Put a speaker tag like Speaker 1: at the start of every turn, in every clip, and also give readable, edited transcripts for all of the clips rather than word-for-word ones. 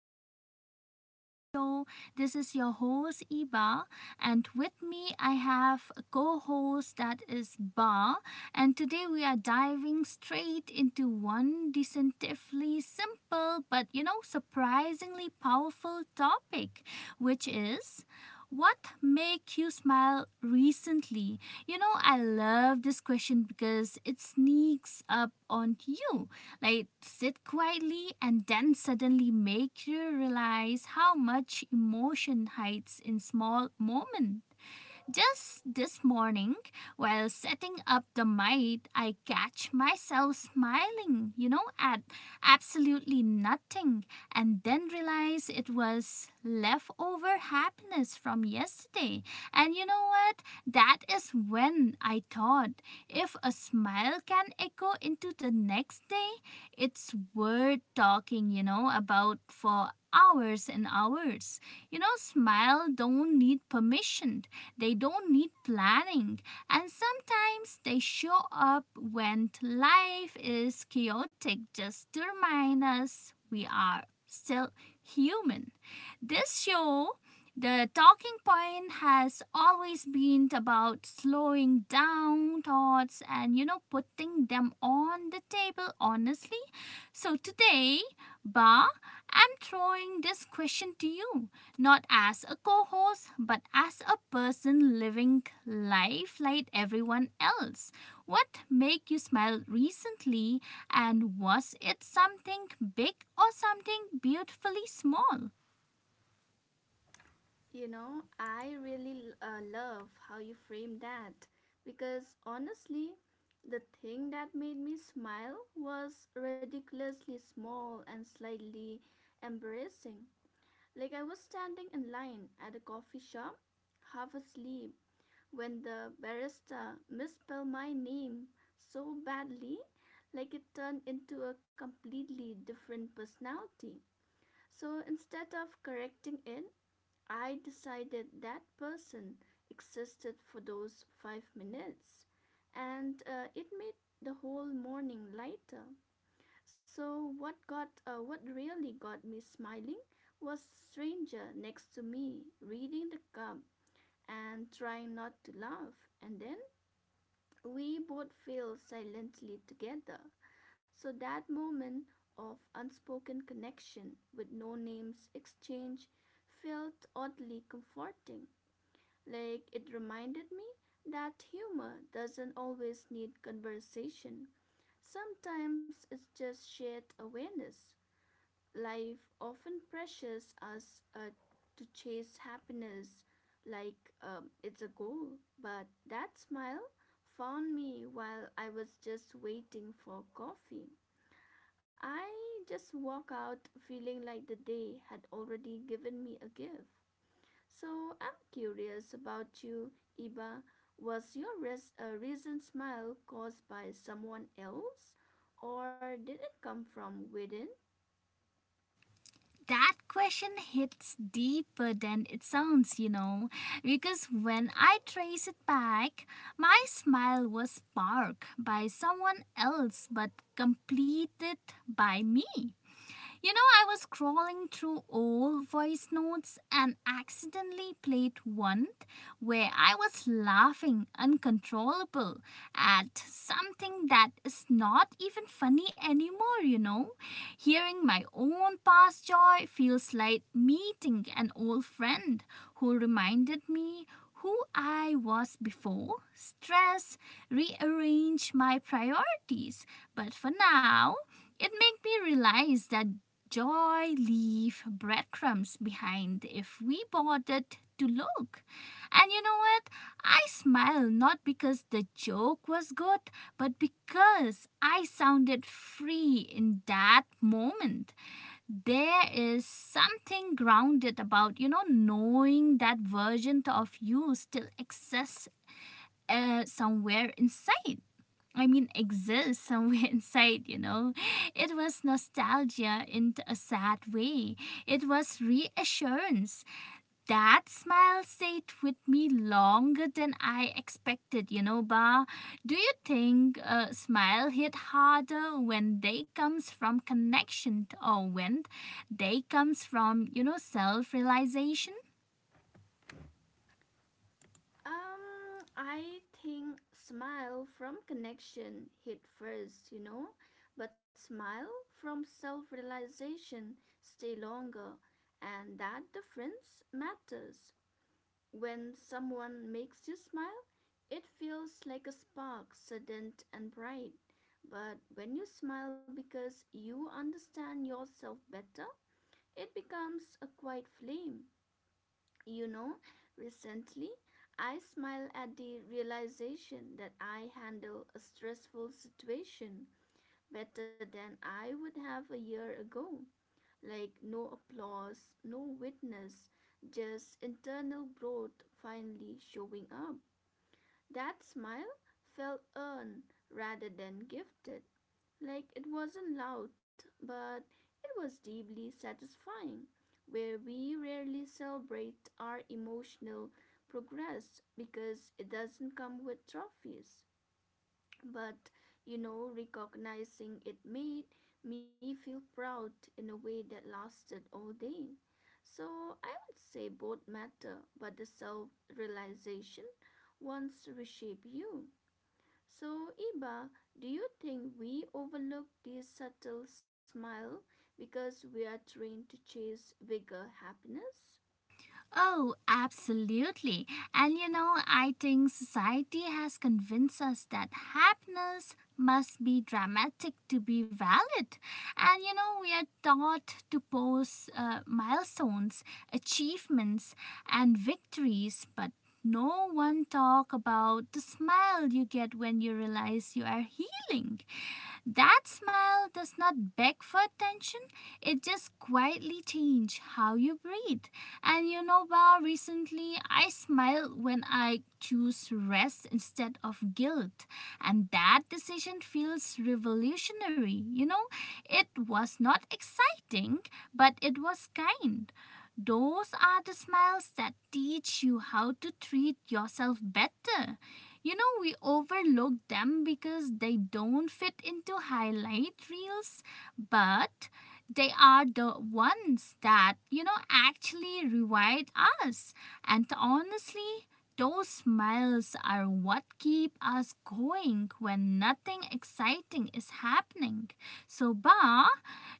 Speaker 1: listeners in our show. This is your host, Iba, and with me I have a co host that is Ba. And today we are diving straight into one deceptively simple but surprisingly powerful topic, which is what make you smile recently. I love this question because it sneaks up on you like sit quietly and then suddenly make you realize how much emotion hides in small moments. Just this morning, while setting up the mite, I catch myself smiling, at absolutely nothing, and then realize it was leftover happiness from yesterday. And you know what? That is when I thought if a smile can echo into the next day, it's worth talking, about for hours and hours. You know, smile don't need permission. They don't need planning. And sometimes they show up when life is chaotic just to remind us we are still human. This show, the talking point has always been about slowing down thoughts and putting them on the table honestly. So today, Ba, I'm throwing this question to you, not as a co host, but as a person living life like everyone else. What made you smile recently, and was it something big or something beautifully small?
Speaker 2: You know, I really love how you frame that because honestly, the thing that made me smile was ridiculously small and slightly embarrassing. Like, I was standing in line at a coffee shop, half asleep, when the barista misspelled my name so badly, like it turned into a completely different personality. So instead of correcting it, I decided that person existed for those 5 minutes, and it made the whole morning lighter. So what got what really got me smiling was the stranger next to me reading the cup and trying not to laugh, and then we both fell silently together. So that moment of unspoken connection with no names exchange felt oddly comforting. Like, it reminded me that humor doesn't always need conversation. Sometimes it's just shared awareness. Life often pressures us to chase happiness like it's a goal, but that smile found me while I was just waiting for coffee. I just walk out feeling like the day had already given me a gift. So I'm curious about you, Iba. Was your recent smile caused by someone else, or did it come from within?
Speaker 1: That question hits deeper than it sounds, you know, because when I trace it back, my smile was sparked by someone else but completed by me. You know, I was scrolling through old voice notes and accidentally played one where I was laughing uncontrollable at something that is not even funny anymore, you know. Hearing my own past joy feels like meeting an old friend who reminded me who I was before. Stress rearranged my priorities, but for now, it made me realize that joy leave breadcrumbs behind if we bothered to look. And you know what? I smile not because the joke was good, but because I sounded free in that moment. There is something grounded about, you know, knowing that version of you still exists somewhere inside. I mean, exists somewhere inside, you know. It was nostalgia in a sad way. It was reassurance. That smile stayed with me longer than I expected, you know, Ba. Do you think a smile hit harder when they comes from connection or when they comes from, you know, self-realization?
Speaker 2: I think smile from connection hit first, you know, but smile from self-realization stay longer, and that difference matters. When someone makes you smile, it feels like a spark, sudden and bright. But when you smile because you understand yourself better, it becomes a quiet flame. You know, recently I smiled at the realization that I handle a stressful situation better than I would have a year ago. Like no applause, no witness, just internal growth finally showing up. That smile felt earned rather than gifted. Like it wasn't loud, but it was deeply satisfying. Where we rarely celebrate our emotional progress because it doesn't come with trophies. But you know, recognizing it made me feel proud in a way that lasted all day. So I would say both matter, but the self realization once reshape you. So, Iba, do you think we overlook this subtle smile because we are trained to chase bigger happiness?
Speaker 1: Oh, absolutely. And you know, I think society has convinced us that happiness must be dramatic to be valid. And you know, we are taught to post milestones, achievements, and victories, but no one talk about the smile you get when you realize you are healing. That smile does not beg for attention. It just quietly changes how you breathe. And you know, Bao, recently I smile when I choose rest instead of guilt. And that decision feels revolutionary. You know, it was not exciting, but it was kind. Those are the smiles that teach you how to treat yourself better. You know, we overlook them because they don't fit into highlight reels, but they are the ones that, you know, actually reward us. And honestly, those smiles are what keep us going when nothing exciting is happening. So, Ba,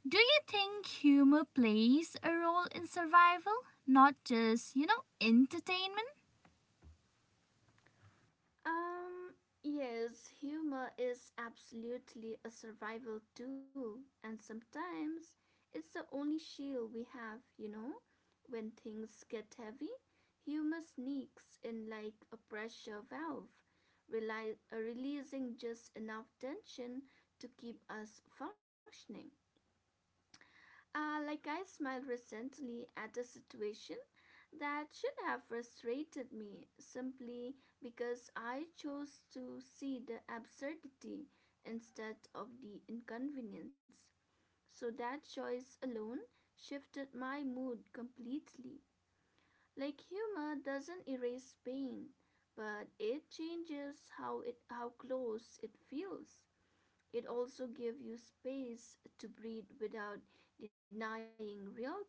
Speaker 1: do you think humor plays a role in survival, not just, you know, entertainment?
Speaker 2: Um, yes, humor is absolutely a survival tool, and sometimes it's the only shield we have, you know? When things get heavy, humor sneaks in like a pressure valve, releasing just enough tension to keep us functioning. Like I smiled recently at a situation that should have frustrated me simply because I chose to see the absurdity instead of the inconvenience. So that choice alone shifted my mood completely. Like humor doesn't erase pain, but it changes how close it feels. It also gives you space to breathe without denying reality.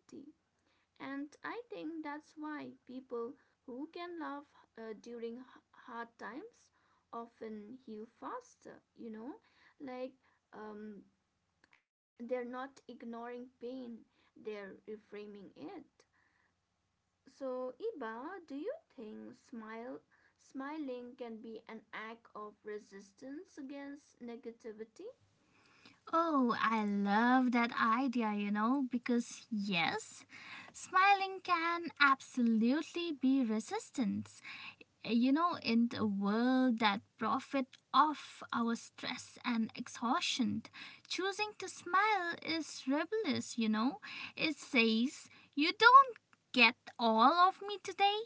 Speaker 2: And I think that's why people who can laugh during hard times often heal faster, you know? Like, um, they're not ignoring pain, they're reframing it. So, Iba, do you think smiling can be an act of resistance against negativity?
Speaker 1: Oh, I love that idea, you know, because yes, smiling can absolutely be resistant, you know, in a world that profit off our stress and exhaustion, choosing to smile is rebellious, you know. It says, you don't get all of me today.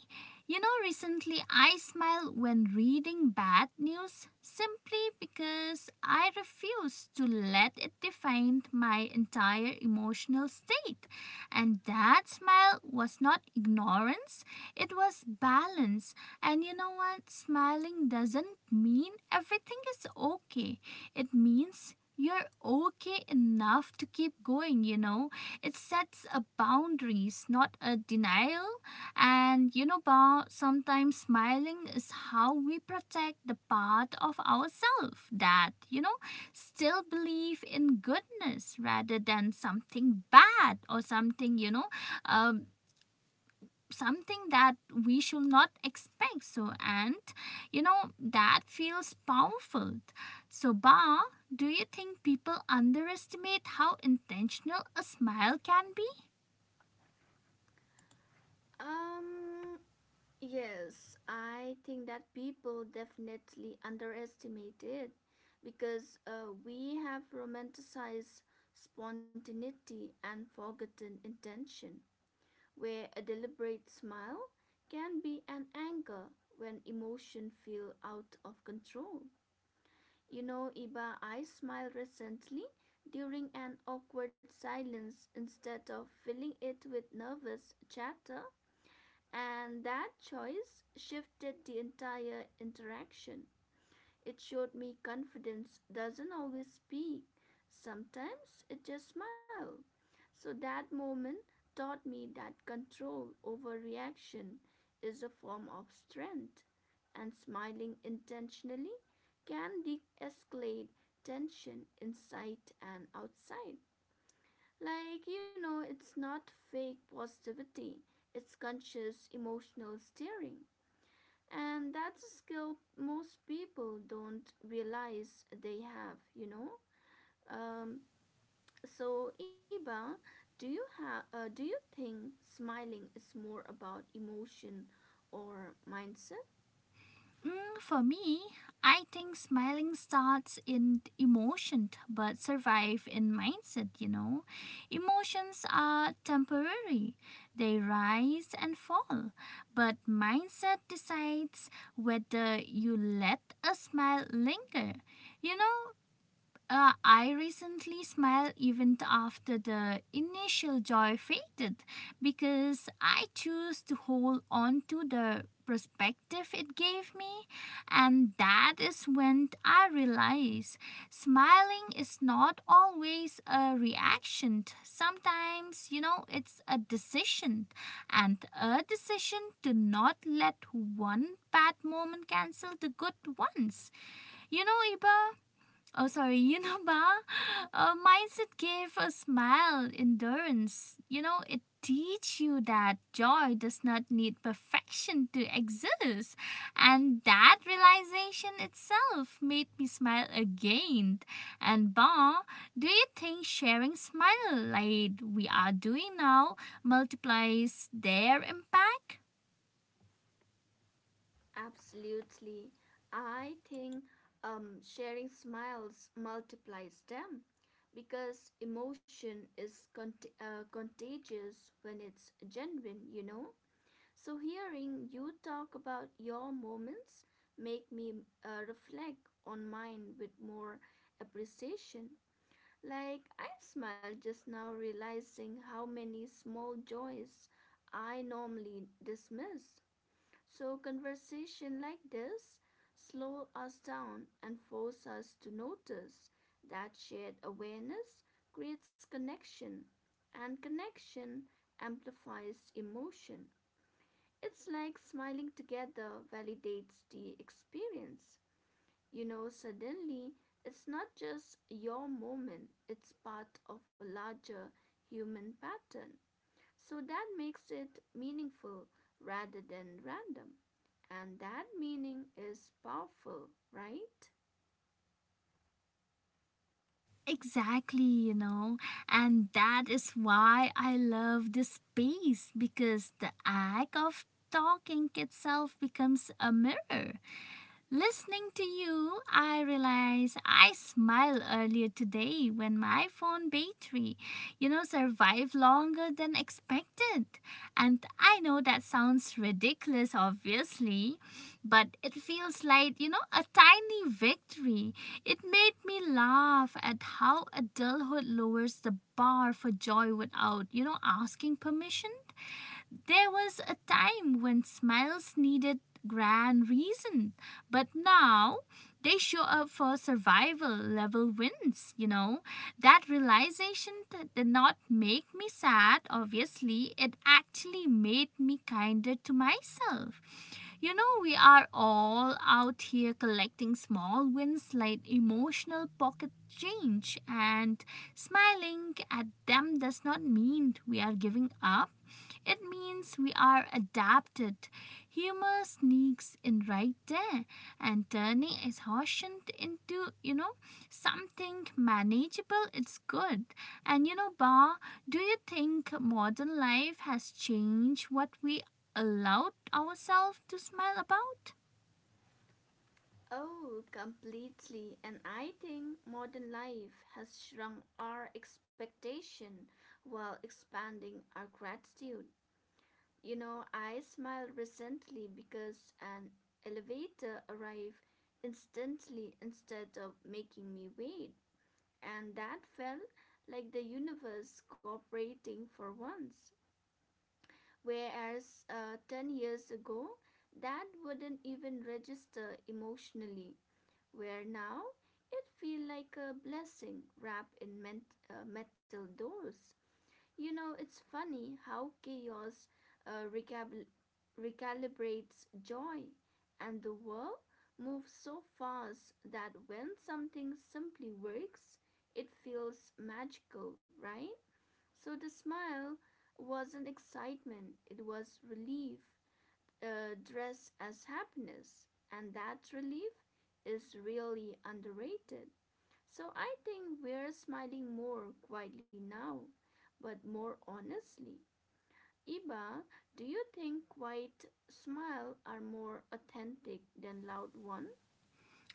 Speaker 1: You know, recently I smile when reading bad news simply because I refuse to let it define my entire emotional state. And that smile was not ignorance, it was balance. And you know what? Smiling doesn't mean everything is okay. It means you're okay enough to keep going, you know. It sets a boundaries, not a denial. And you know, Ba, sometimes smiling is how we protect the part of ourselves that, you know, still believe in goodness rather than something bad or something, um, something that we should not expect. So and you know that feels powerful. So, Ba, do you think people underestimate how intentional a smile can be?
Speaker 2: Um, Yes, I think that people definitely underestimate it because we have romanticized spontaneity and forgotten intention, where a deliberate smile can be an anchor when emotion feel out of control. You know, Iba, I smiled recently during an awkward silence instead of filling it with nervous chatter and that choice shifted the entire interaction. It showed me confidence doesn't always speak, sometimes it just smiles. So that moment taught me that control over reaction is a form of strength, and smiling intentionally can de escalate tension inside and outside. Like, you know, it's not fake positivity, it's conscious emotional steering. And that's a skill most people don't realize they have, you know? Um, so, Iba, do you, have? Do you think smiling is more about emotion or mindset?
Speaker 1: Mm, for me, I think smiling starts in emotion but survive in mindset, you know. Emotions are temporary. They rise and fall, but mindset decides whether you let a smile linger. You know, I recently smiled even after the initial joy faded because I chose to hold on to the perspective it gave me, and that is when I realized smiling is not always a reaction. Sometimes, you know, it's a decision, and a decision to not let one bad moment cancel the good ones. You know, Iba. Oh, sorry, you know, Ba? Mindset gave a smile, endurance. You know, it teach you that joy does not need perfection to exist. And that realization itself made me smile again. And Ba, do you think sharing smile like we are doing now multiplies their impact?
Speaker 2: Absolutely. I think sharing smiles multiplies them, because emotion is contagious when it's genuine, you know, so hearing you talk about your moments make me reflect on mine with more appreciation. Like I smiled just now realizing how many small joys I normally dismiss. So, conversation like this slow us down and force us to notice that shared awareness creates connection and connection amplifies emotion. It's like smiling together validates the experience. You know, suddenly it's not just your moment, it's part of a larger human pattern. So that makes it meaningful rather than random. And that meaning is powerful, right?
Speaker 1: Exactly, you know, and that is why I love this space because the act of talking itself becomes a mirror. Listening to you, I realize I smiled earlier today when my phone battery, you know, survived longer than expected. And I know that sounds ridiculous, obviously, but it feels like, you know, a tiny victory. It made me laugh at how adulthood lowers the bar for joy without, you know, asking permission. There was a time when smiles needed grand reason, but now they show up for survival level wins, you know. That realization did not make me sad, obviously, it actually made me kinder to myself. You know, we are all out here collecting small wins like emotional pocket change, and smiling at them does not mean we are giving up. It means we are adapted. Humor sneaks in right there and turning exhaustion into, you know, something manageable. It's good. And you know, Ba, do you think modern life has changed what we allowed ourselves to smile about?
Speaker 2: Oh, completely. And I think modern life has shrunk our expectation while expanding our gratitude. You know, I smiled recently because an elevator arrived instantly instead of making me wait, and that felt like the universe cooperating for once. Whereas 10 years ago, that wouldn't even register emotionally, where now it feels like a blessing wrapped in metal doors. You know, it's funny how chaos uh, recab- recalibrates joy, and the world moves so fast that when something simply works, it feels magical, right? So the smile wasn't excitement, it was relief, dressed as happiness, and that relief is really underrated. So I think we're smiling more quietly now, but more honestly. Iba, do you think quiet smile are more authentic than loud one?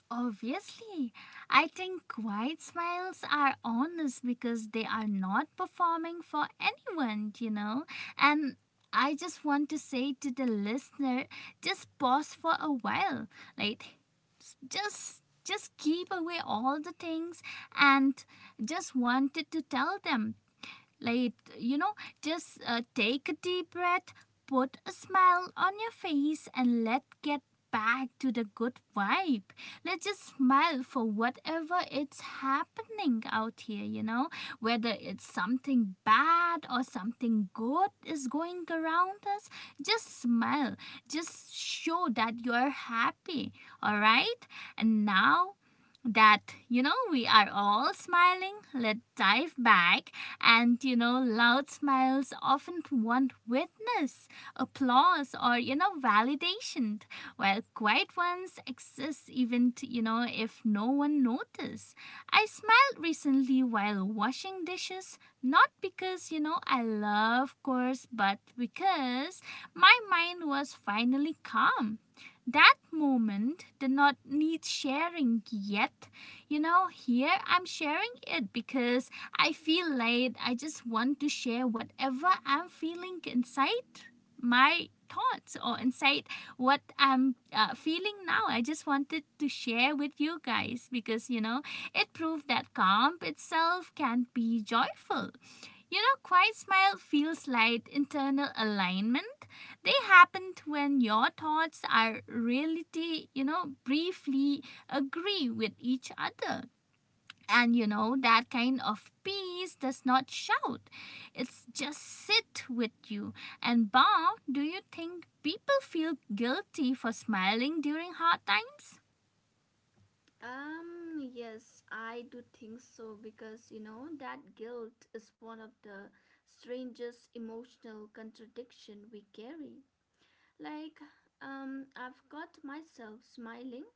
Speaker 1: Obviously, I think quiet smiles are honest because they are not performing for anyone, you know. And I just want to say to the listener, just pause for a while. Like, just keep away all the things and just wanted to tell them like, you know, just take a deep breath, put a smile on your face, and let's get back to the good vibe. Let's just smile for whatever it's happening out here, you know, whether it's something bad or something good is going around us. Just smile, just show that you're happy, all right? And now that you know we are all smiling, let's dive back. And you know loud smiles often want witness, applause, or you know validation, while quiet ones exist even you know if no one notice. I smiled recently while washing dishes not because you know I love course but because my mind was finally calm. That moment did not need sharing yet. You know, here I'm sharing it because I feel late. I just want to share whatever I'm feeling inside my thoughts or inside what I'm feeling now. I just wanted to share with you guys because, you know, it proved that calm itself can be joyful. You know, quiet smile feels like internal alignment. They happen when your thoughts are reality, you know, briefly agree with each other. And you know, that kind of peace does not shout, it's just sit with you. And Bob, do you think people feel guilty for smiling during hard times?
Speaker 2: Um, yes, I do think so because you know that guilt is one of the strangest emotional contradiction we carry. Like, I've got myself smiling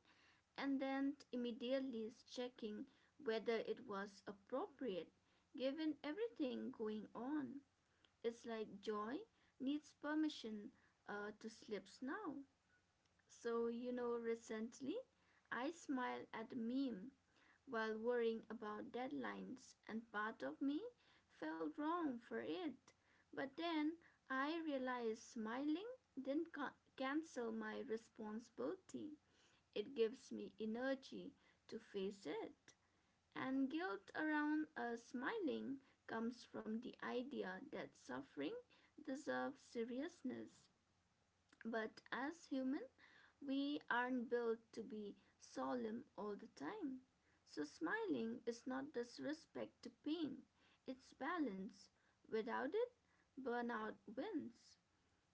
Speaker 2: and then immediately checking whether it was appropriate given everything going on. It's like joy needs permission to slips now. So, you know, recently I smiled at a meme while worrying about deadlines, and part of me felt wrong for it. But then I realized smiling didn't cancel my responsibility. It gives me energy to face it. And guilt around smiling comes from the idea that suffering deserves seriousness. But as human, we aren't built to be solemn all the time. So smiling is not disrespect to pain, it's balance. Without it, burnout wins.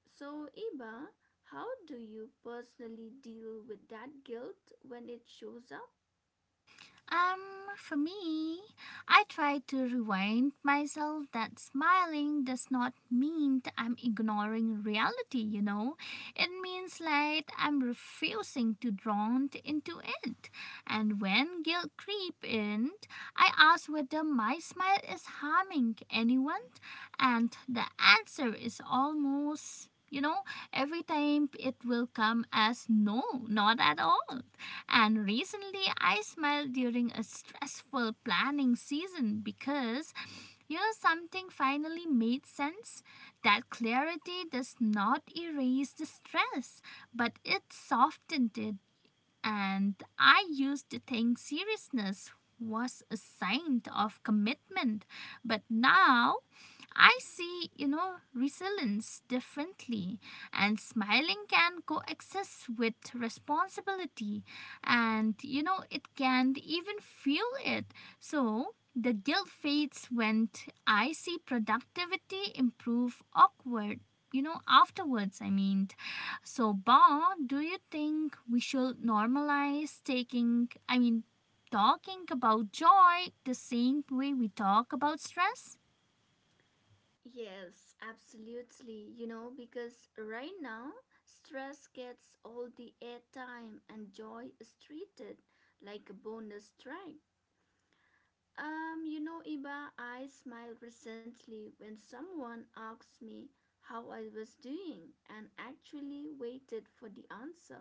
Speaker 2: So, Iba, how do you personally deal with that guilt when it shows up?
Speaker 1: For me, I try to remind myself that smiling does not mean that I'm ignoring reality, you know. It means like I'm refusing to drown into it. And when guilt creep in, I ask whether my smile is harming anyone, and the answer is almost, you know, every time it will come as no, not at all. And recently, I smiled during a stressful planning season because you know something finally made sense. That clarity does not erase the stress, but it softened it. And I used to think seriousness was a sign of commitment, but now I see, you know, resilience differently, and smiling can coexist with responsibility, and you know, it can even fuel it. So, the guilt fades when I see productivity improve awkward. You know, afterwards, I mean. So, Ba, do you think we should normalize taking, I mean, talking about joy the same way we talk about stress?
Speaker 2: Yes, absolutely. You know, because right now, stress gets all the airtime and joy is treated like a bonus track. You know, Iba, I smile recently when someone asks me how I was doing and actually waited for the answer.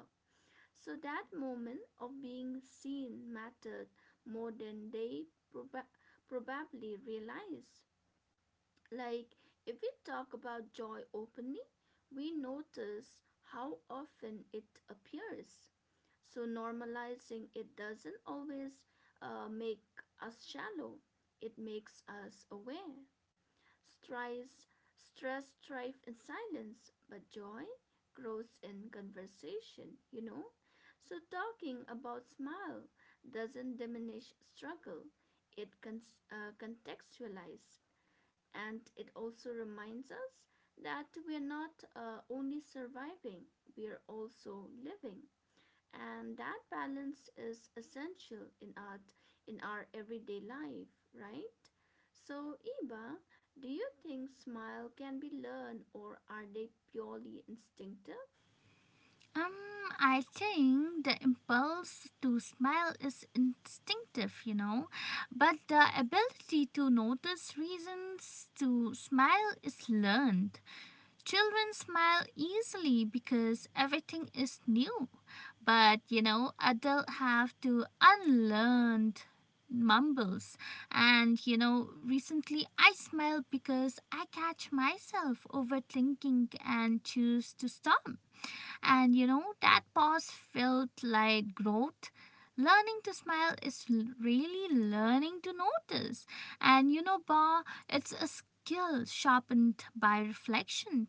Speaker 2: So that moment of being seen mattered more than they proba- probably realized. Like, if we talk about joy openly, we notice how often it appears. So, normalizing it doesn't always make us shallow, it makes us aware. Stress, stress thrives in silence, but joy grows in conversation, you know? So, talking about smile doesn't diminish struggle, it contextualizes, and it also reminds us that we are not only surviving, we are also living. And that balance is essential in our everyday life, right? So, Iba, do you think smile can be learned or are they purely instinctive?
Speaker 1: Um, I think the impulse to smile is instinctive, you know, but the ability to notice reasons to smile is learned. Children smile easily because everything is new, but you know, adults have to unlearn mumbles. And you know recently I smiled because I catch myself overthinking and choose to stop, and you know, that pause felt like growth. Learning to smile is really learning to notice. And you know, Ba, it's a skill sharpened by reflection.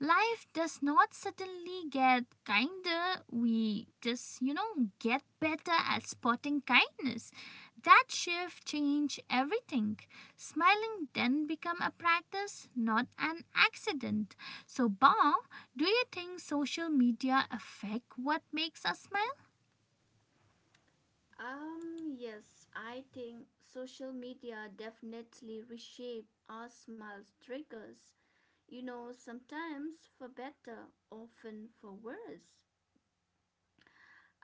Speaker 1: Life does not suddenly get kinder, we just, you know, get better at spotting kindness. That shift changed everything. Smiling then become a practice, not an accident. So, Ba, do you think social media affect what makes us smile?
Speaker 2: Yes, I think social media definitely reshape our smiles triggers. You know, sometimes for better, often for worse.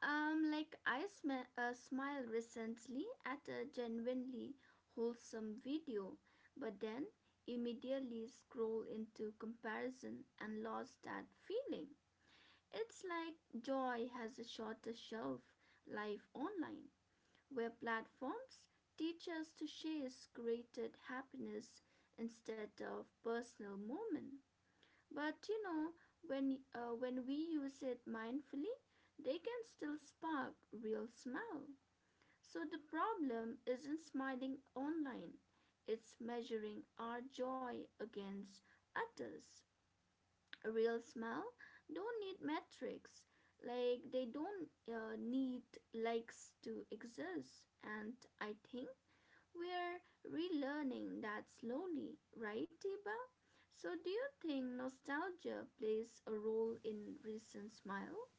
Speaker 2: Like I smiled recently at a genuinely wholesome video, but then immediately scroll into comparison and lost that feeling. It's like joy has a shorter shelf life online, where platforms teach us to chase created happiness instead of personal moment. But you know, when we use it mindfully, they can still spark real smile. So the problem isn't smiling online. It's measuring our joy against others. A real smile don't need metrics. Like they don't need likes to exist. And I think we're relearning that slowly, right, Tiba? So, do you think nostalgia plays a role in recent smile?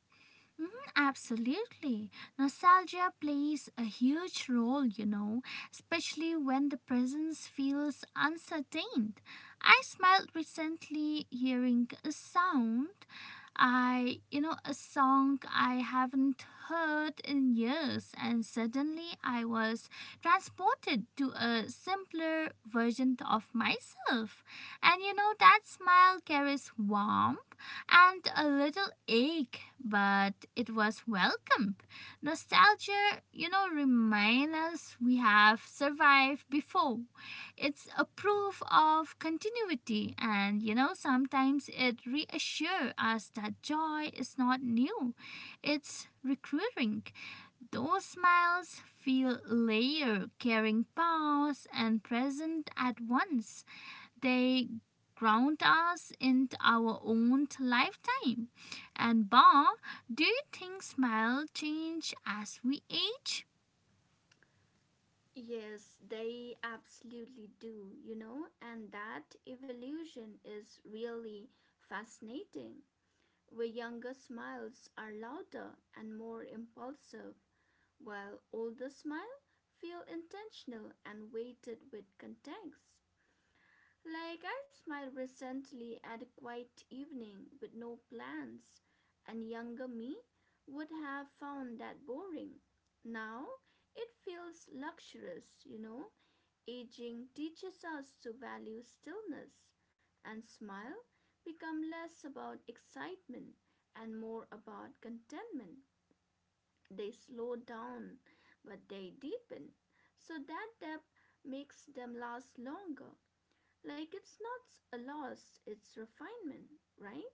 Speaker 1: Mhm. Absolutely. Nostalgia plays a huge role, you know, especially when the presence feels uncertain. I smiled recently hearing a sound you know, a song I haven't heard in years, and suddenly I was transported to a simpler version of myself. And you know, that smile carries warmth and a little ache, but it was welcomed. Nostalgia, you know, reminds us we have survived before. It's a proof of continuity, and you know, sometimes it reassures us that joy is not new. It's recruiting. Those smiles feel layered, carrying past and present at once, they ground us in our own lifetime. And Bob, do you think smell change as we age?
Speaker 2: Yes, they absolutely do, you know, and that evolution is really fascinating. Where younger smiles are louder and more impulsive, while older smiles feel intentional and weighted with context. Like I smiled recently at a quiet evening with no plans, and younger me would have found that boring. Now it feels luxurious, you know. Aging teaches us to value stillness, and smile become less about excitement and more about contentment. They slow down, but they deepen, so that depth makes them last longer. Like it's not a loss, it's refinement, right?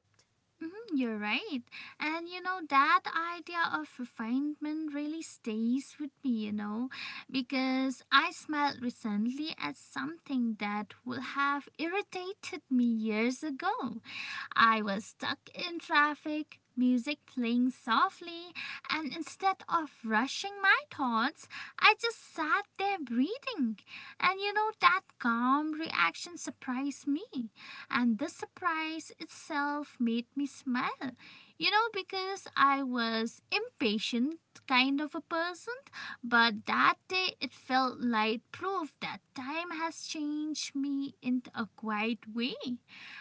Speaker 1: Mhm, you're right. And you know, that idea of refinement really stays with me, you know, because I smelled recently at something that would have irritated me years ago. I was stuck in traffic, music playing softly, and instead of rushing my thoughts, I just sat there breathing. And you know, that calm reaction surprised me. And the surprise itself made me smile. You know, because I was impatient kind of a person, but that day it felt like proof that time has changed me in a quiet way.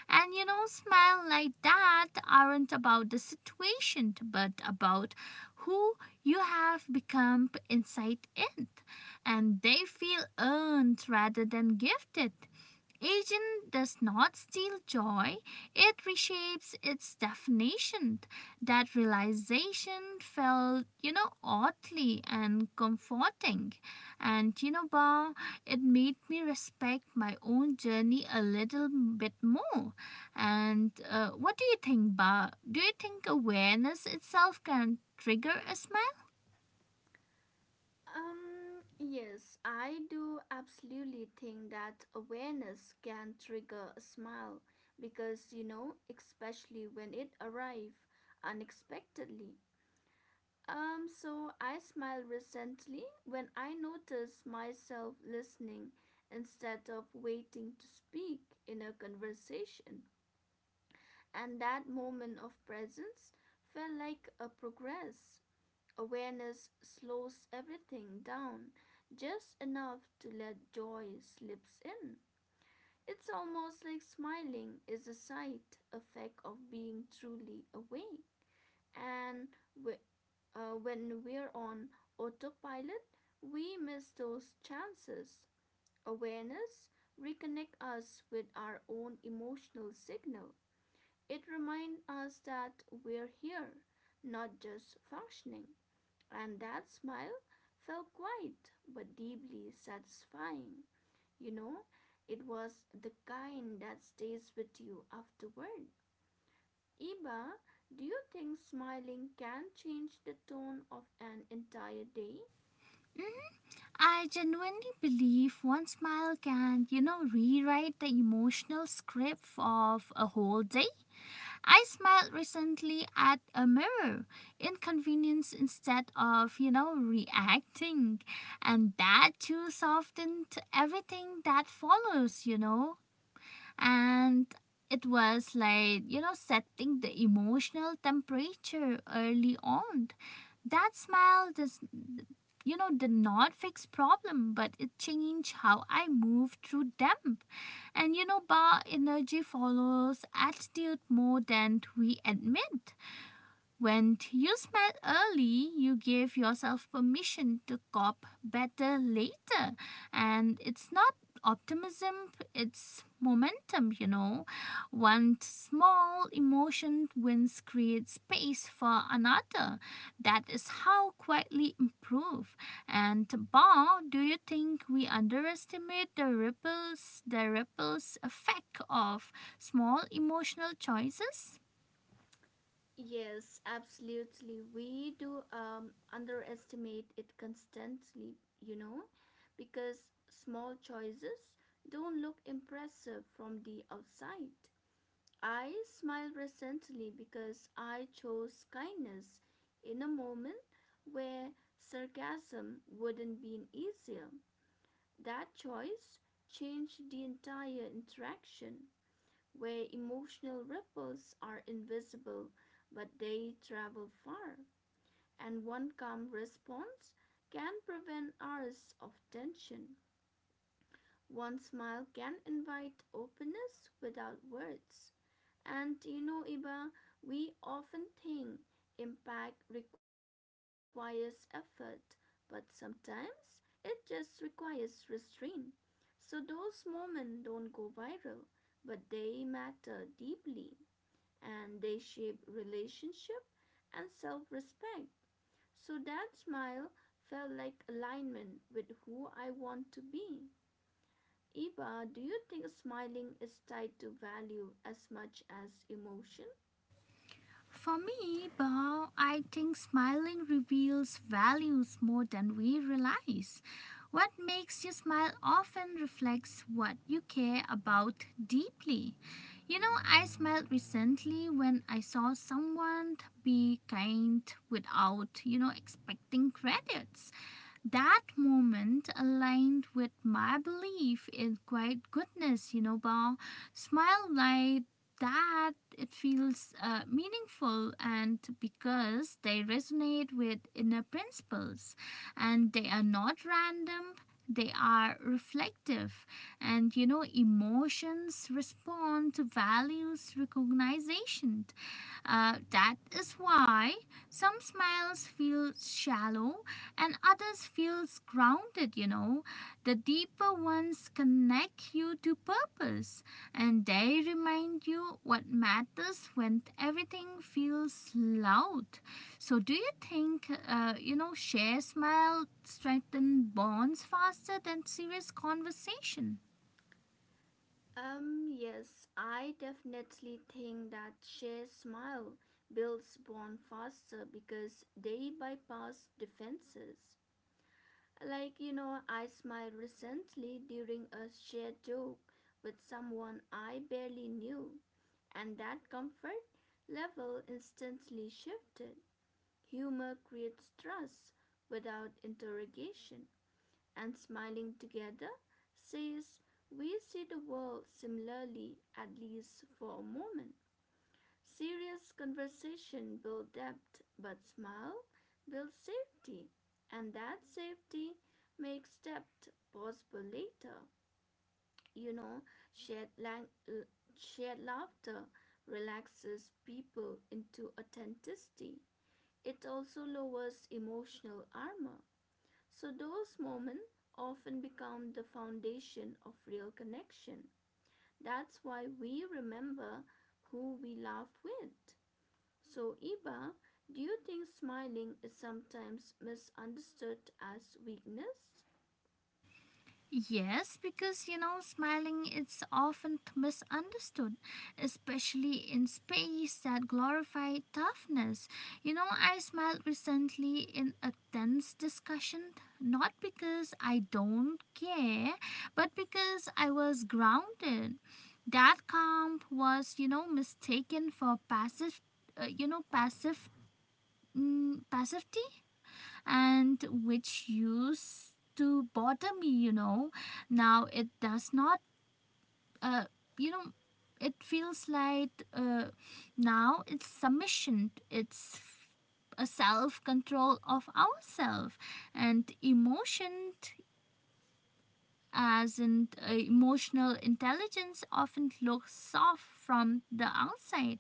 Speaker 1: And you know, smiles like that aren't about the situation, but about who you have become inside it. And they feel earned rather than gifted. Agent does not steal joy, it reshapes its definition. That realization felt, you know, oddly and comforting. And you know, Ba, it made me respect my own journey a little bit more. And what do you think, Ba? Do you think awareness itself can trigger a smile?
Speaker 2: Yes, I do absolutely think that awareness can trigger a smile because you know, especially when it arrives unexpectedly. So I smile recently when I notice myself listening instead of waiting to speak in a conversation. And that moment of presence felt like a progress. Awareness slows everything down just enough to let joy slips in. It's almost like smiling is a side effect of being truly awake. And we, when we're on autopilot, we miss those chances. Awareness reconnects us with our own emotional signal. It reminds us that we're here, not just functioning. And that smile felt quiet but deeply satisfying. You know, it was the kind that stays with you afterward. Iba, do you think smiling can change the tone of an entire day?
Speaker 1: I genuinely believe one smile can, you know, rewrite the emotional script of a whole day. I smiled recently at a mirror, inconvenience instead of, you know, reacting. And that too softened everything that follows, you know. And it was like, you know, setting the emotional temperature early on. That smile does, you know, did not fix problem, but it changed how I move through them. And you know, bar energy follows attitude more than we admit. When you smile early, you give yourself permission to cop better later. And it's not optimism, it's momentum, you know. One small emotion wins creates space for another. That is how quietly improve. And Bao, do you think we underestimate the ripples effect of small emotional choices?
Speaker 2: Yes, absolutely. We do underestimate it constantly, you know, because small choices don't look impressive from the outside. I smiled recently because I chose kindness in a moment where sarcasm wouldn't been easier. That choice changed the entire interaction, where emotional ripples are invisible but they travel far, and one calm response can prevent hours of tension. One smile can invite openness without words. And you know, Iba, we often think impact requires effort, but sometimes it just requires restraint. So those moments don't go viral, but they matter deeply and they shape relationship and self respect. So that smile felt like alignment with who I want to be. Iba, do you think smiling is tied to value as much as emotion?
Speaker 1: For me, Bob, I think smiling reveals values more than we realize. What makes you smile often reflects what you care about deeply. You know, I smiled recently when I saw someone be kind without, you know, expecting credits, that moment aligned with my belief in quiet goodness, you know, Bob. Smile like that, it feels meaningful and because they resonate with inner principles and they are not random. They are reflective, and you know, emotions respond to values recognition. That is why some smiles feel shallow and others feel grounded, you know. The deeper ones connect you to purpose and they remind you what matters when everything feels loud. So do you think you know, share smile strengthen bonds faster than serious conversation?
Speaker 2: Yes, I definitely think that shared smile builds bond faster because they bypass defenses. Like, you know, I smiled recently during a shared joke with someone I barely knew, and that comfort level instantly shifted. Humor creates trust without interrogation and smiling together, says, we see the world similarly, at least for a moment. Serious conversation builds depth, but smile builds safety, and that safety makes depth possible later. You know, shared, lang- l- shared laughter relaxes people into authenticity. It also lowers emotional armor. So those moments often become the foundation of real connection. That's why we remember who we laugh with. So, Iba, do you think smiling is sometimes misunderstood as weakness?
Speaker 1: Yes, because you know, smiling is often misunderstood, especially in space that glorify toughness. You know, I smiled recently in a tense discussion, not because I don't care, but because I was grounded. That calm was, you know, mistaken for passive, you know, passivity, and which used to bother me, you know. Now it does not, uh, you know, it feels like now it's submission, it's a self control of ourselves and emotion as in emotional intelligence often looks soft from the outside,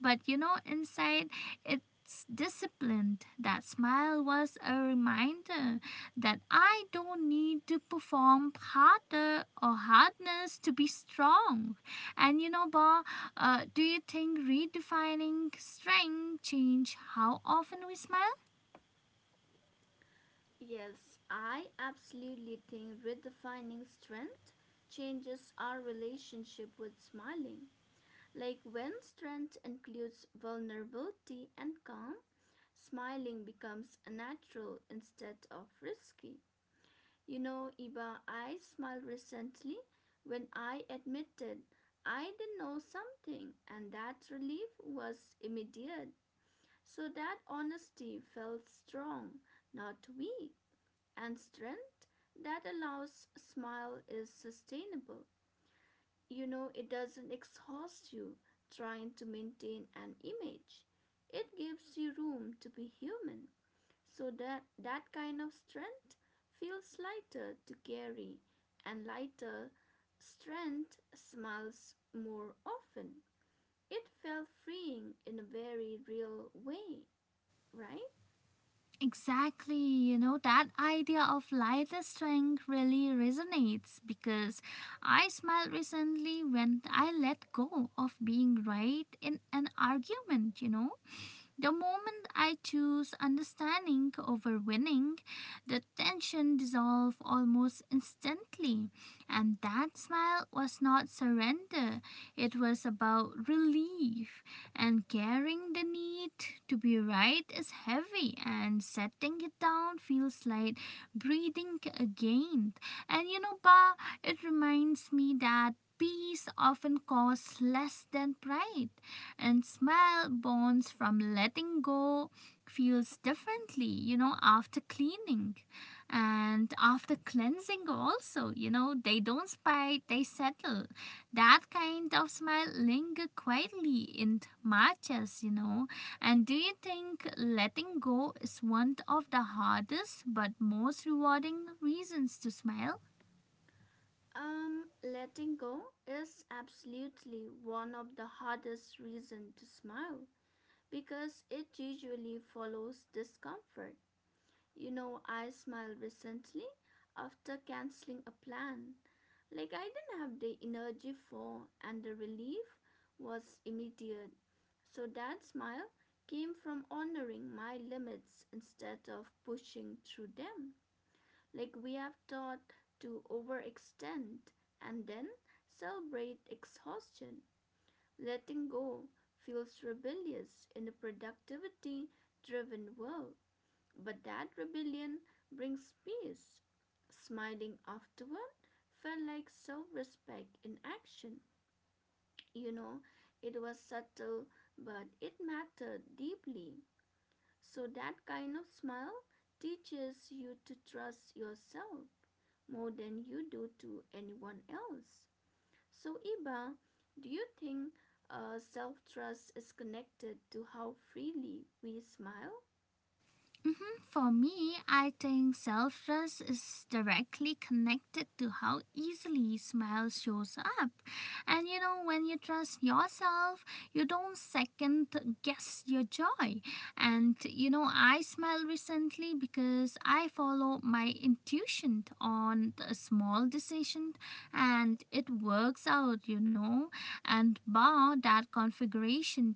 Speaker 1: but you know inside it's disciplined. That smile was a reminder that I don't need to perform harder or hardness to be strong. And you know, Ba, do you think redefining strength change how often we smile?
Speaker 2: Yes, I absolutely think redefining strength changes our relationship with smiling. Like when strength includes vulnerability and calm, smiling becomes natural instead of risky. You know, Iba, I smiled recently when I admitted I didn't know something, and that relief was immediate. So that honesty felt strong, not weak, and strength that allows a smile is sustainable. You know, it doesn't exhaust you trying to maintain an image. It gives you room to be human. So that kind of strength feels lighter to carry and lighter strength smiles more often. It felt freeing in a very real way, right?
Speaker 1: Exactly, you know, that idea of lighter strength really resonates because I smiled recently when I let go of being right in an argument, you know. The moment I choose understanding over winning, the tension dissolved almost instantly. And that smile was not surrender, it was about relief. And carrying the need to be right is heavy, and setting it down feels like breathing again. And you know, Ba, it reminds me that peace often costs less than pride, and smell bonds from letting go feels differently, you know, after cleaning and after cleansing also, you know, they don't spite, they settle. That kind of smell linger quietly in matches, you know. And do you think letting go is one of the hardest but most rewarding reasons to smile?
Speaker 2: Letting go is absolutely one of the hardest reasons to smile because it usually follows discomfort. You know, I smiled recently after canceling a plan like, I didn't have the energy for, and the relief was immediate. So that smile came from honoring my limits instead of pushing through them. Like, we have taught to overextend and then celebrate exhaustion. Letting go feels rebellious in a productivity driven world. But that rebellion brings peace. Smiling afterward felt like self respect in action. You know, it was subtle, but it mattered deeply. So that kind of smile teaches you to trust yourself more than you do to anyone else. So, Iba, do you think self trust is connected to how freely we smile?
Speaker 1: Mhm. For me, I think self trust is directly connected to how easily smile shows up. And you know, when you trust yourself, you don't second guess your joy. And you know, I smile recently because I follow my intuition on a small decision and it works out, you know. And bar, that configuration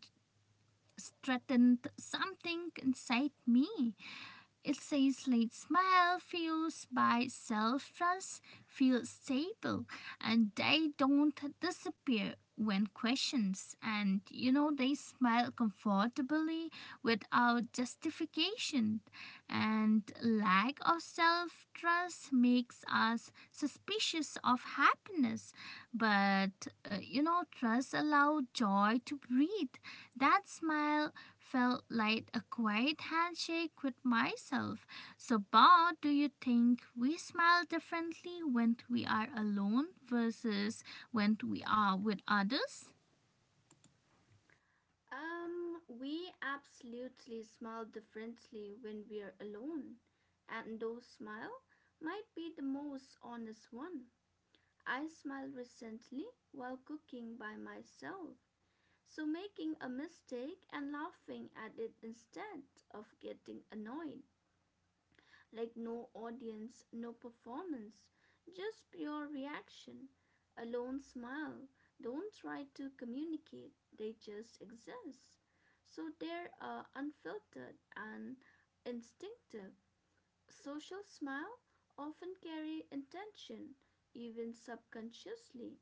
Speaker 1: strengthened something inside me, it says let smile fuels by self trust feel stable, and they don't disappear when questioned, and you know they smile comfortably without justification, and lack of self trust makes us suspicious of happiness, but you know, trust allows joy to breathe. That smile felt like a quiet handshake with myself. So, Bob, do you think we smile differently when we are alone versus when we are with others?
Speaker 2: We absolutely smile differently when we're alone, and those smile might be the most honest one. I smile recently while cooking by myself, so making a mistake and laughing at it instead of getting annoyed. Like no audience, no performance, just pure reaction. A lone smile. Don't try to communicate, they just exist. So they're unfiltered and instinctive. Social smile often carry intention, even subconsciously,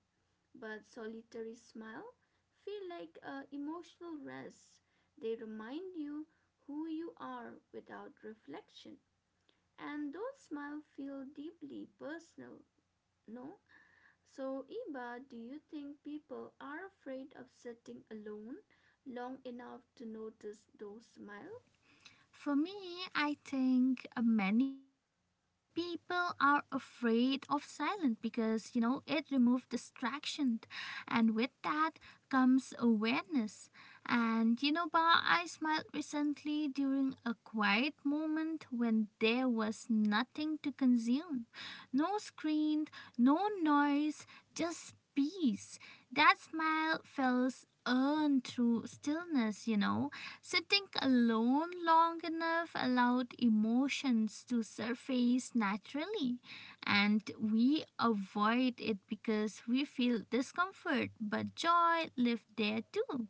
Speaker 2: but solitary smile feel like a emotional rest. They remind you who you are without reflection. And those smiles feel deeply personal, no? So, Iba, do you think people are afraid of sitting alone long enough to notice those smiles?
Speaker 1: For me, I think many people are afraid of silence because, you know, it removes distraction. And with that comes awareness. And, you know, Ba, I smiled recently during a quiet moment when there was nothing to consume, no screen, no noise, just peace. That smile felt earned through stillness, you know. Sitting alone long enough allowed emotions to surface naturally, and we avoid it because we feel discomfort, but joy lived there too.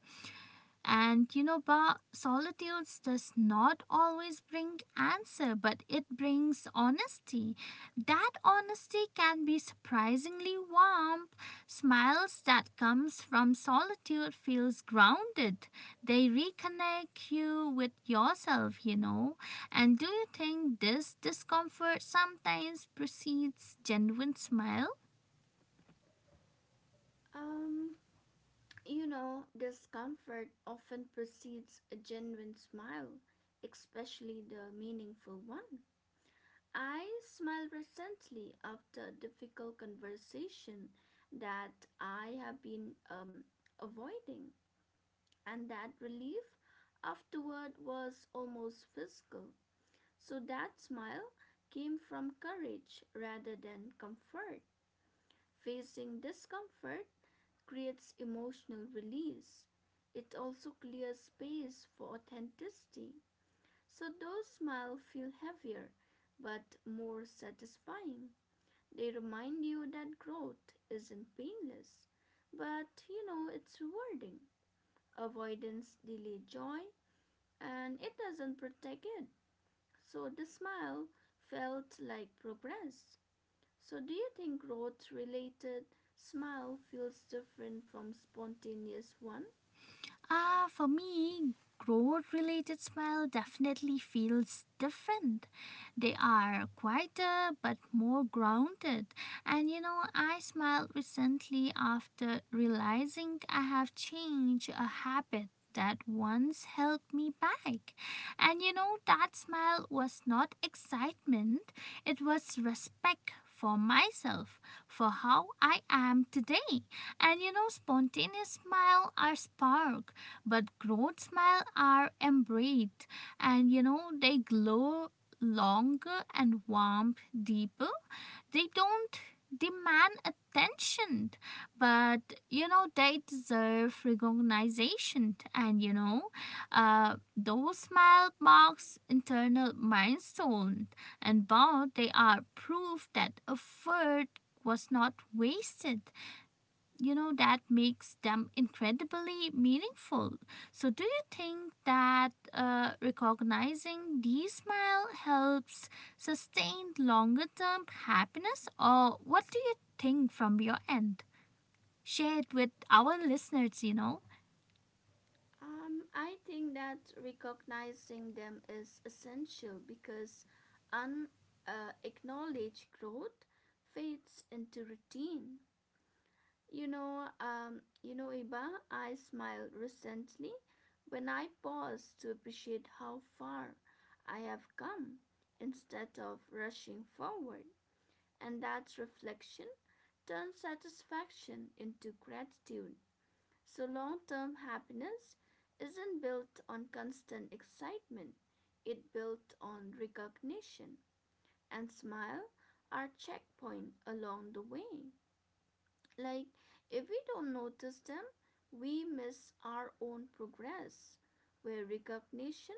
Speaker 1: And you know, Ba, solitude does not always bring answer, but it brings honesty. That honesty can be surprisingly warm. Smiles that comes from solitude feels grounded. They reconnect you with yourself, you know. And do you think this discomfort sometimes precedes genuine smile?
Speaker 2: Um, Discomfort often precedes a genuine smile, especially the meaningful one. I smile recently after a difficult conversation that I have been avoiding, and that relief afterward was almost physical. So that smile came from courage rather than comfort. Facing discomfort creates emotional release. It also clears space for authenticity. So those smiles feel heavier but more satisfying. They remind you that growth isn't painless, but you know it's rewarding. Avoidance delays joy and it doesn't protect it. So the smile felt like progress. So do you think growth related smile feels different from spontaneous one?
Speaker 1: Ah, for me, growth related smell definitely feels different. They are quieter but more grounded. And you know, I smiled recently after realizing I have changed a habit. That once held me back. And you know, that smile was not excitement, it was respect for myself, for how I am today. And you know, spontaneous smile are spark, but growth smile are embraced, and you know they glow longer and warmth deeper. They don't demand attention, but you know they deserve recognition, and you know those smile marks internal milestone, and bound they are proof that effort was not wasted, you know, that makes them incredibly meaningful. So do you think that recognizing these smile helps sustain longer term happiness, or what do you think from your end? Share it with our listeners, you know.
Speaker 2: I think that recognizing them is essential because unacknowledged acknowledged growth fades into routine. You know, Iba, I smiled recently when I paused to appreciate how far I have come instead of rushing forward. And that reflection turns satisfaction into gratitude. So long term happiness isn't built on constant excitement, it built on recognition and smile are checkpoint along the way. Like, if we don't notice them, we miss our own progress, where recognition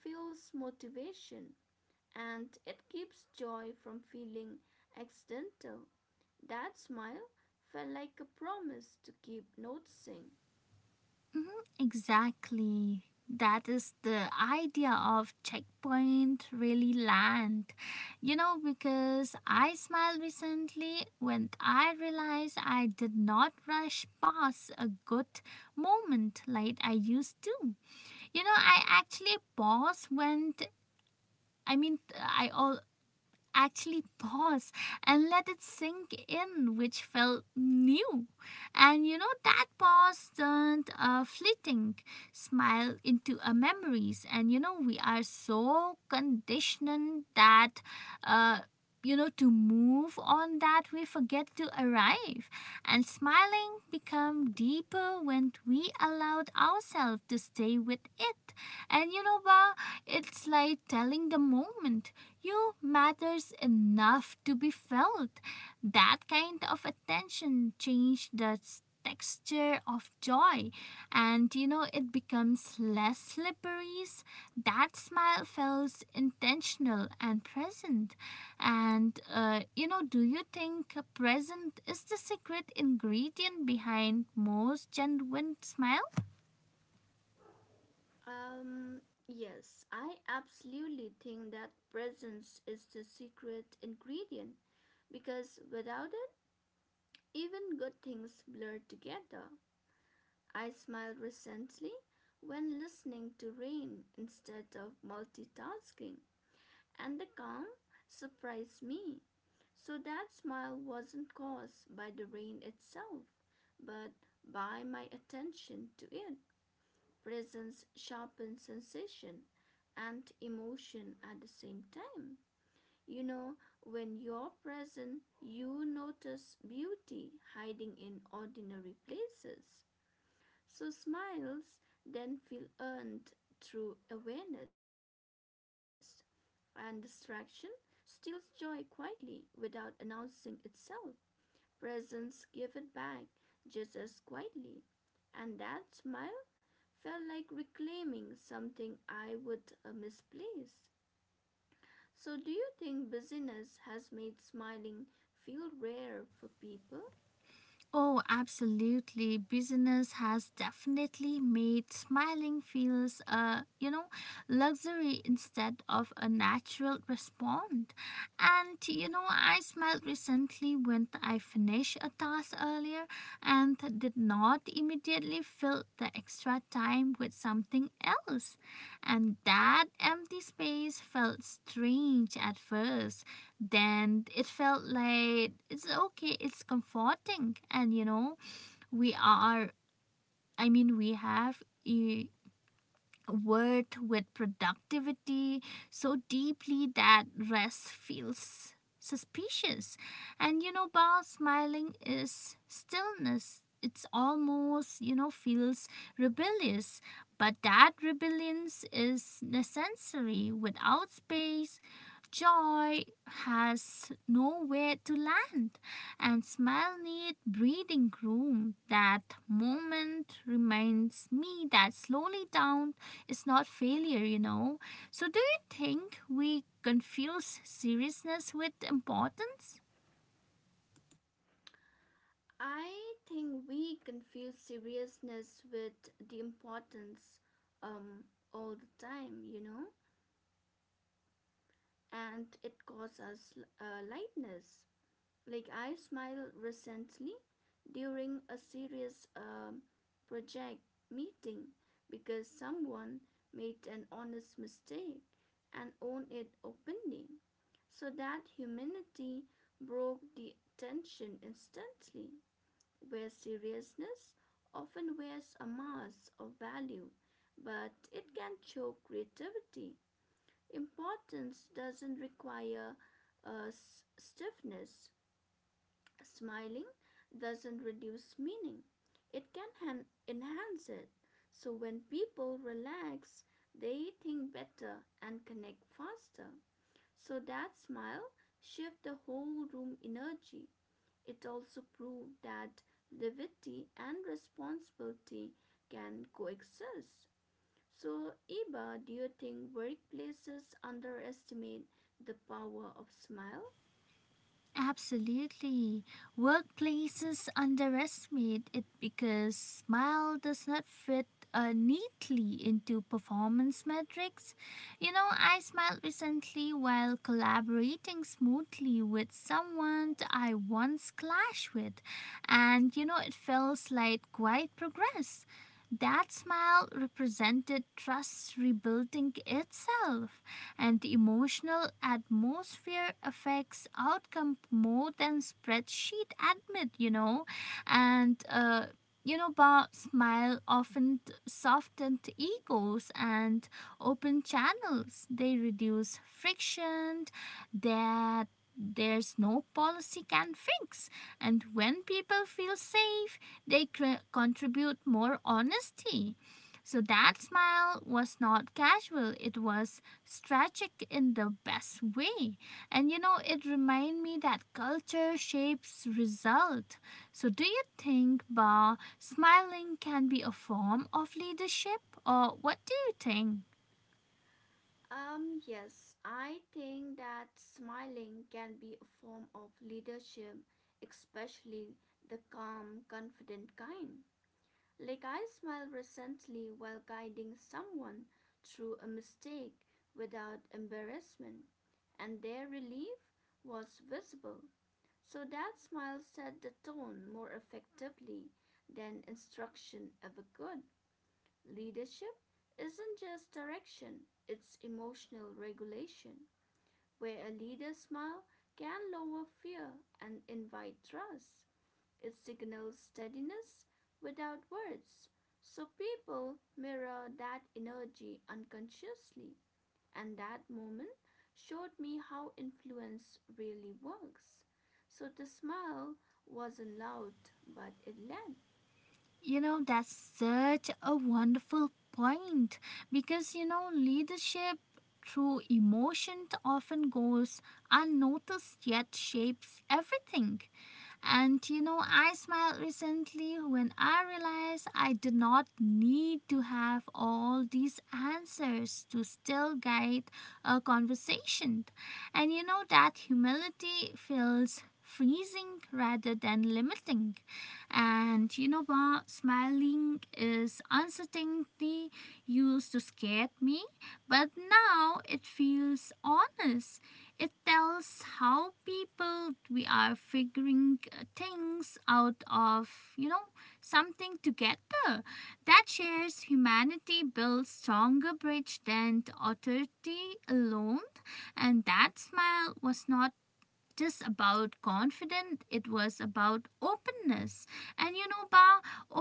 Speaker 2: fuels motivation and it keeps joy from feeling accidental. That smile felt like a promise to keep noticing.
Speaker 1: Mm-hmm. Exactly. That is the idea of checkpoint really land. You know, because I smiled recently when I realized I did not rush past a good moment like I used to. You know, I actually paused when I mean I all actually pause and let it sink in, which felt new. And you know, that pause turned a fleeting smile into a memories. And you know, we are so conditioned that. Uh, you know, to move on that we forget to arrive, and smiling become deeper when we allowed ourselves to stay with it, and you know bah, it's like telling the moment you matters enough to be felt. That kind of attention changed the texture of joy, and you know it becomes less slippery. That smile feels intentional and present. And you know, do you think present is the secret ingredient behind most genuine smiles?
Speaker 2: Um, yes, I absolutely think that presence is the secret ingredient because without it, even good things blur together. I smiled recently when listening to rain instead of multitasking, and the calm surprised me. So that smile wasn't caused by the rain itself, but by my attention to it. Presence sharpens sensation and emotion at the same time. You know, when you're present, you notice beauty hiding in ordinary places. So smiles then feel earned through awareness and distraction steals joy quietly without announcing itself. Presence give it back just as quietly. And that smile felt like reclaiming something I would misplace. So do you think busyness has made smiling feel rare for people?
Speaker 1: Oh, absolutely. Business has definitely made smiling feels a, you know, luxury instead of a natural response. And you know, I smiled recently when I finished a task earlier and did not immediately fill the extra time with something else. And that empty space felt strange at first, then it felt like it's okay, it's comforting, and you know we are, we have eh, worth with productivity so deeply that rest feels suspicious. And you know, Bao, smiling is stillness. It's almost, you know, feels rebellious, but that rebellion is necessary. Without space, joy has nowhere to land, and smile need breathing room. That moment reminds me that slowly down it's not failure, you know. So, do you think we confuse seriousness with importance?
Speaker 2: I think we confuse seriousness with the importance um, all the time, you know, and it causes us lightness. Like I smiled recently during a serious project meeting because someone made an honest mistake and owned it openly. So that humanity broke the tension instantly where seriousness often wears a mask of value, but it can choke creativity. Importance doesn't require a stiffness. Smiling doesn't reduce meaning, it can enhance it. So when people relax, they think better and connect faster. So that smile shifts the whole room energy. It also proved that levity and responsibility can coexist. So, Iba, do you think workplaces underestimate the power of smile?
Speaker 1: Absolutely. Workplaces underestimate it because smile does not fit neatly into performance metrics. You know, I smiled recently while collaborating smoothly with someone I once clashed with, and you know, it felt like quite progress. That smile represented trust rebuilding itself, and the emotional atmosphere affects outcome more than spreadsheet admit, you know, and you know about smile often softened egos and open channels. They reduce friction that there's no policy can fix, and when people feel safe, they contribute more honesty. So that smile was not casual, it was strategic in the best way. And you know, it reminded me that culture shapes result. So do you think, bah, smiling can be a form of leadership, or what do you think?
Speaker 2: Yes, I think that smiling can be a form of leadership, especially the calm, confident kind. Legai smiled recently while guiding someone through a mistake without embarrassment, and their relief was visible. So that smile set the tone more effectively than instruction ever could. Leadership isn't just direction, it's emotional regulation, where a leader's smile can lower fear and invite trust. It signals steadiness without words. So people mirror that energy unconsciously. And that moment showed me how influence really works. So the smile wasn't loud, but it led.
Speaker 1: You know, that's such a wonderful point because you know, leadership through emotion often goes unnoticed yet shapes everything. And you know, I smiled recently when I realized I did not need to have all these answers to still guide a conversation. And you know, that humility feels freezing rather than limiting. And you know what? Smiling is uncertainty used to scare me, but now it feels honest. It tells how people we are figuring things out of, you know, something together. That shares humanity builds stronger bridge than authority alone. And that smile was not just about confident, it was about openness, and you know, ba,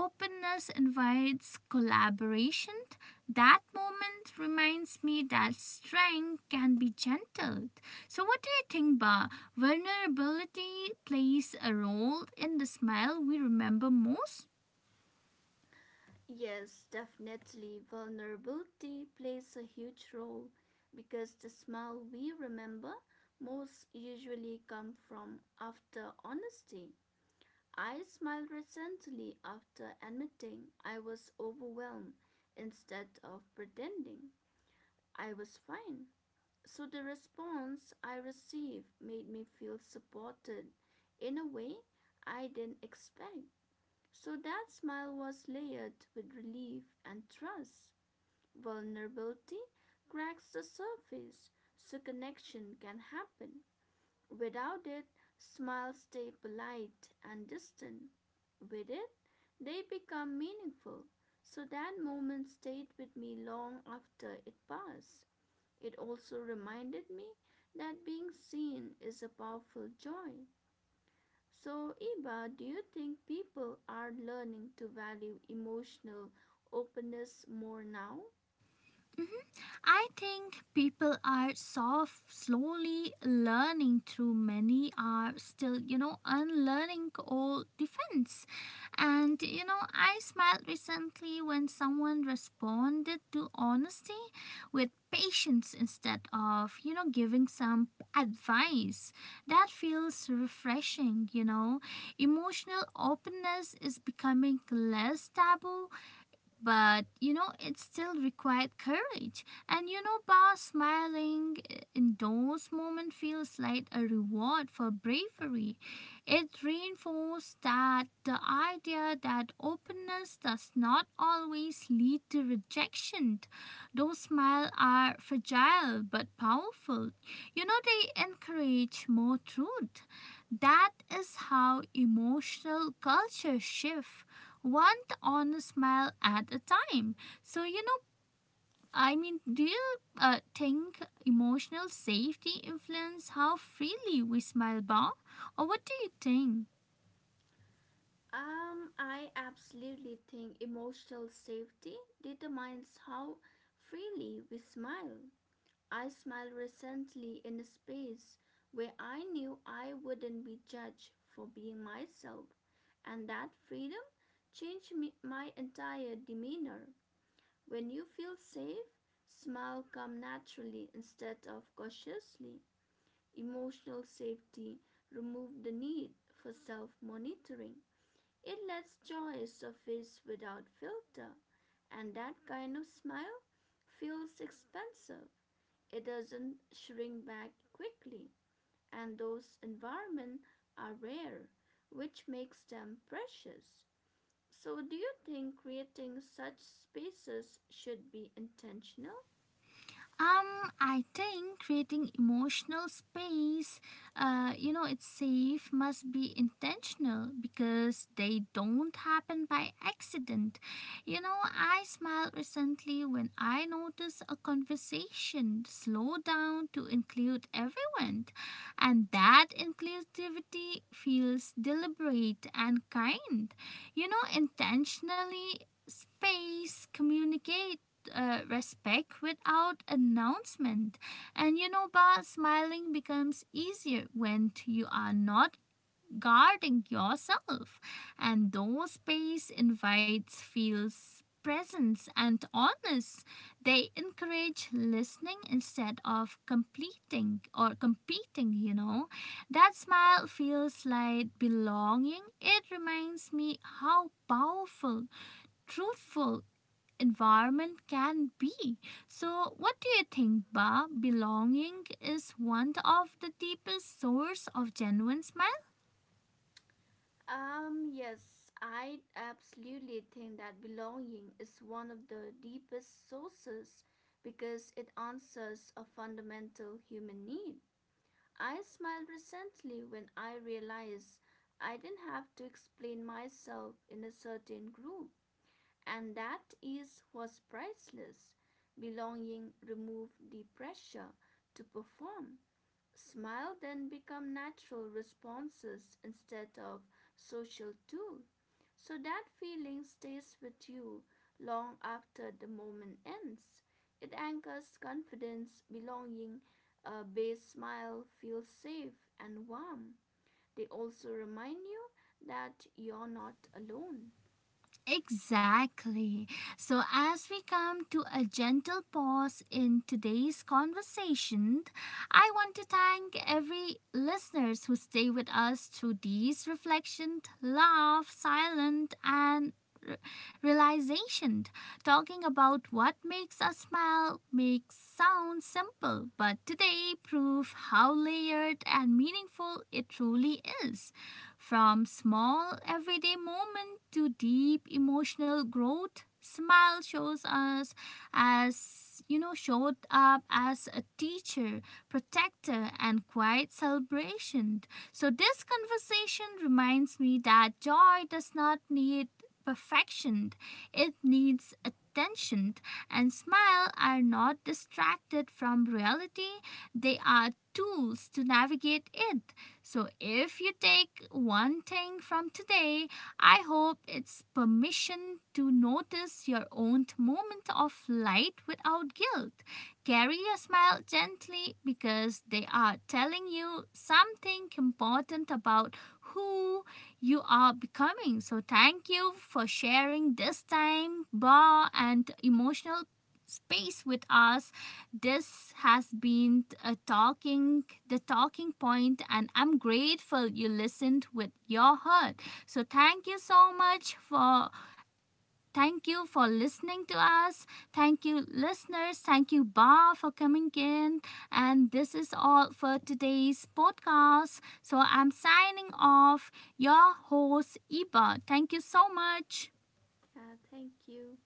Speaker 1: openness invites collaboration. That moment reminds me that strength can be gentled. So what do you think, ba, vulnerability plays a role in the smile we remember most?
Speaker 2: Yes, definitely, vulnerability plays a huge role because the smile we remember most usually come from after honesty. I smiled recently after admitting I was overwhelmed instead of pretending I was fine. So the response I received made me feel supported in a way I didn't expect. So that smile was layered with relief and trust. Vulnerability cracks the surface so connection can happen. Without it, smiles stay polite and distant. With it, they become meaningful. So that moment stayed with me long after it passed. It also reminded me that being seen is a powerful joy. So, Iba, do you think people are learning to value emotional openness more now?
Speaker 1: I think people are soft, slowly learning through many are still, you know, unlearning all defense. And, you know, I smiled recently when someone responded to honesty with patience instead of, you know, giving some advice. That feels refreshing, you know. Emotional openness is becoming less taboo, but you know, it still required courage. And you know, Ba, smiling in those moments feels like a reward for bravery. It reinforced that the idea that openness does not always lead to rejection. Those smiles are fragile but powerful. You know, they encourage more truth. That is how emotional culture shifts one honest smile at a time. So, you know, do you think emotional safety influences how freely we smile, Bob? Or what do you think?
Speaker 2: I absolutely think emotional safety determines how freely we smile. I smiled recently in a space where I knew I wouldn't be judged for being myself, and that freedom changed me, my entire demeanor. When you feel safe, smile come naturally instead of cautiously. Emotional safety removed the need for self monitoring. It lets joy surface without filter, and that kind of smile feels expensive. It doesn't shrink back quickly, and those environments are rare, which makes them precious. So, do you think creating such spaces should be intentional?
Speaker 1: I think creating emotional space, you know, it's safe must be intentional because they don't happen by accident. You know, I smiled recently when I noticed a conversation slow down to include everyone, and that inclusivity feels deliberate and kind. You know, intentionally space communicate, respect without announcement. And you know, Ba, smiling becomes easier when you are not guarding yourself. And though space invites feels presence and honest, they encourage listening instead of completing or competing, you know. That smile feels like belonging. It reminds me how powerful, truthful, environment can be. So, what do you think, Ba? Belonging is one of the deepest source of genuine.
Speaker 2: Yes, I absolutely think that belonging is one of the deepest sources because it answers a fundamental human need. I smiled recently when I realized I didn't have to explain myself in a certain group, and that ease was priceless. Belonging removed the pressure to perform. Smile then become natural responses instead of social tool. So that feeling stays with you long after the moment ends. It anchors confidence, belonging, a base smile feels safe and warm. They also remind you that you're not alone.
Speaker 1: Exactly. So, as we come to a gentle pause in today's conversation, I want to thank every listeners who stay with us through these reflections, laugh, silent, and re- realization. Talking about what makes us smile makes sound simple, but today prove how layered and meaningful it truly is. From small everyday moment to deep emotional growth, smile shows us, as you know, showed up as a teacher, protector, and quiet celebration. So this conversation reminds me that joy does not need perfection. It needs attention, and smile are not distracted from reality. They are tools to navigate it. So if you take one thing from today, I hope it's permission to notice your own moment of light without guilt. Carry your smile gently because they are telling you something important about who you are becoming. So thank you for sharing this time, bar, and emotional space with us. This has been a talking point, and I'm grateful you listened with your heart. So thank you so much for thank you for listening to us. Thank you, listeners. Thank you, ba, for coming in. And this is all for today's podcast, so I'm signing off. Your host, Iba. Thank you so much.
Speaker 2: Yeah, thank you.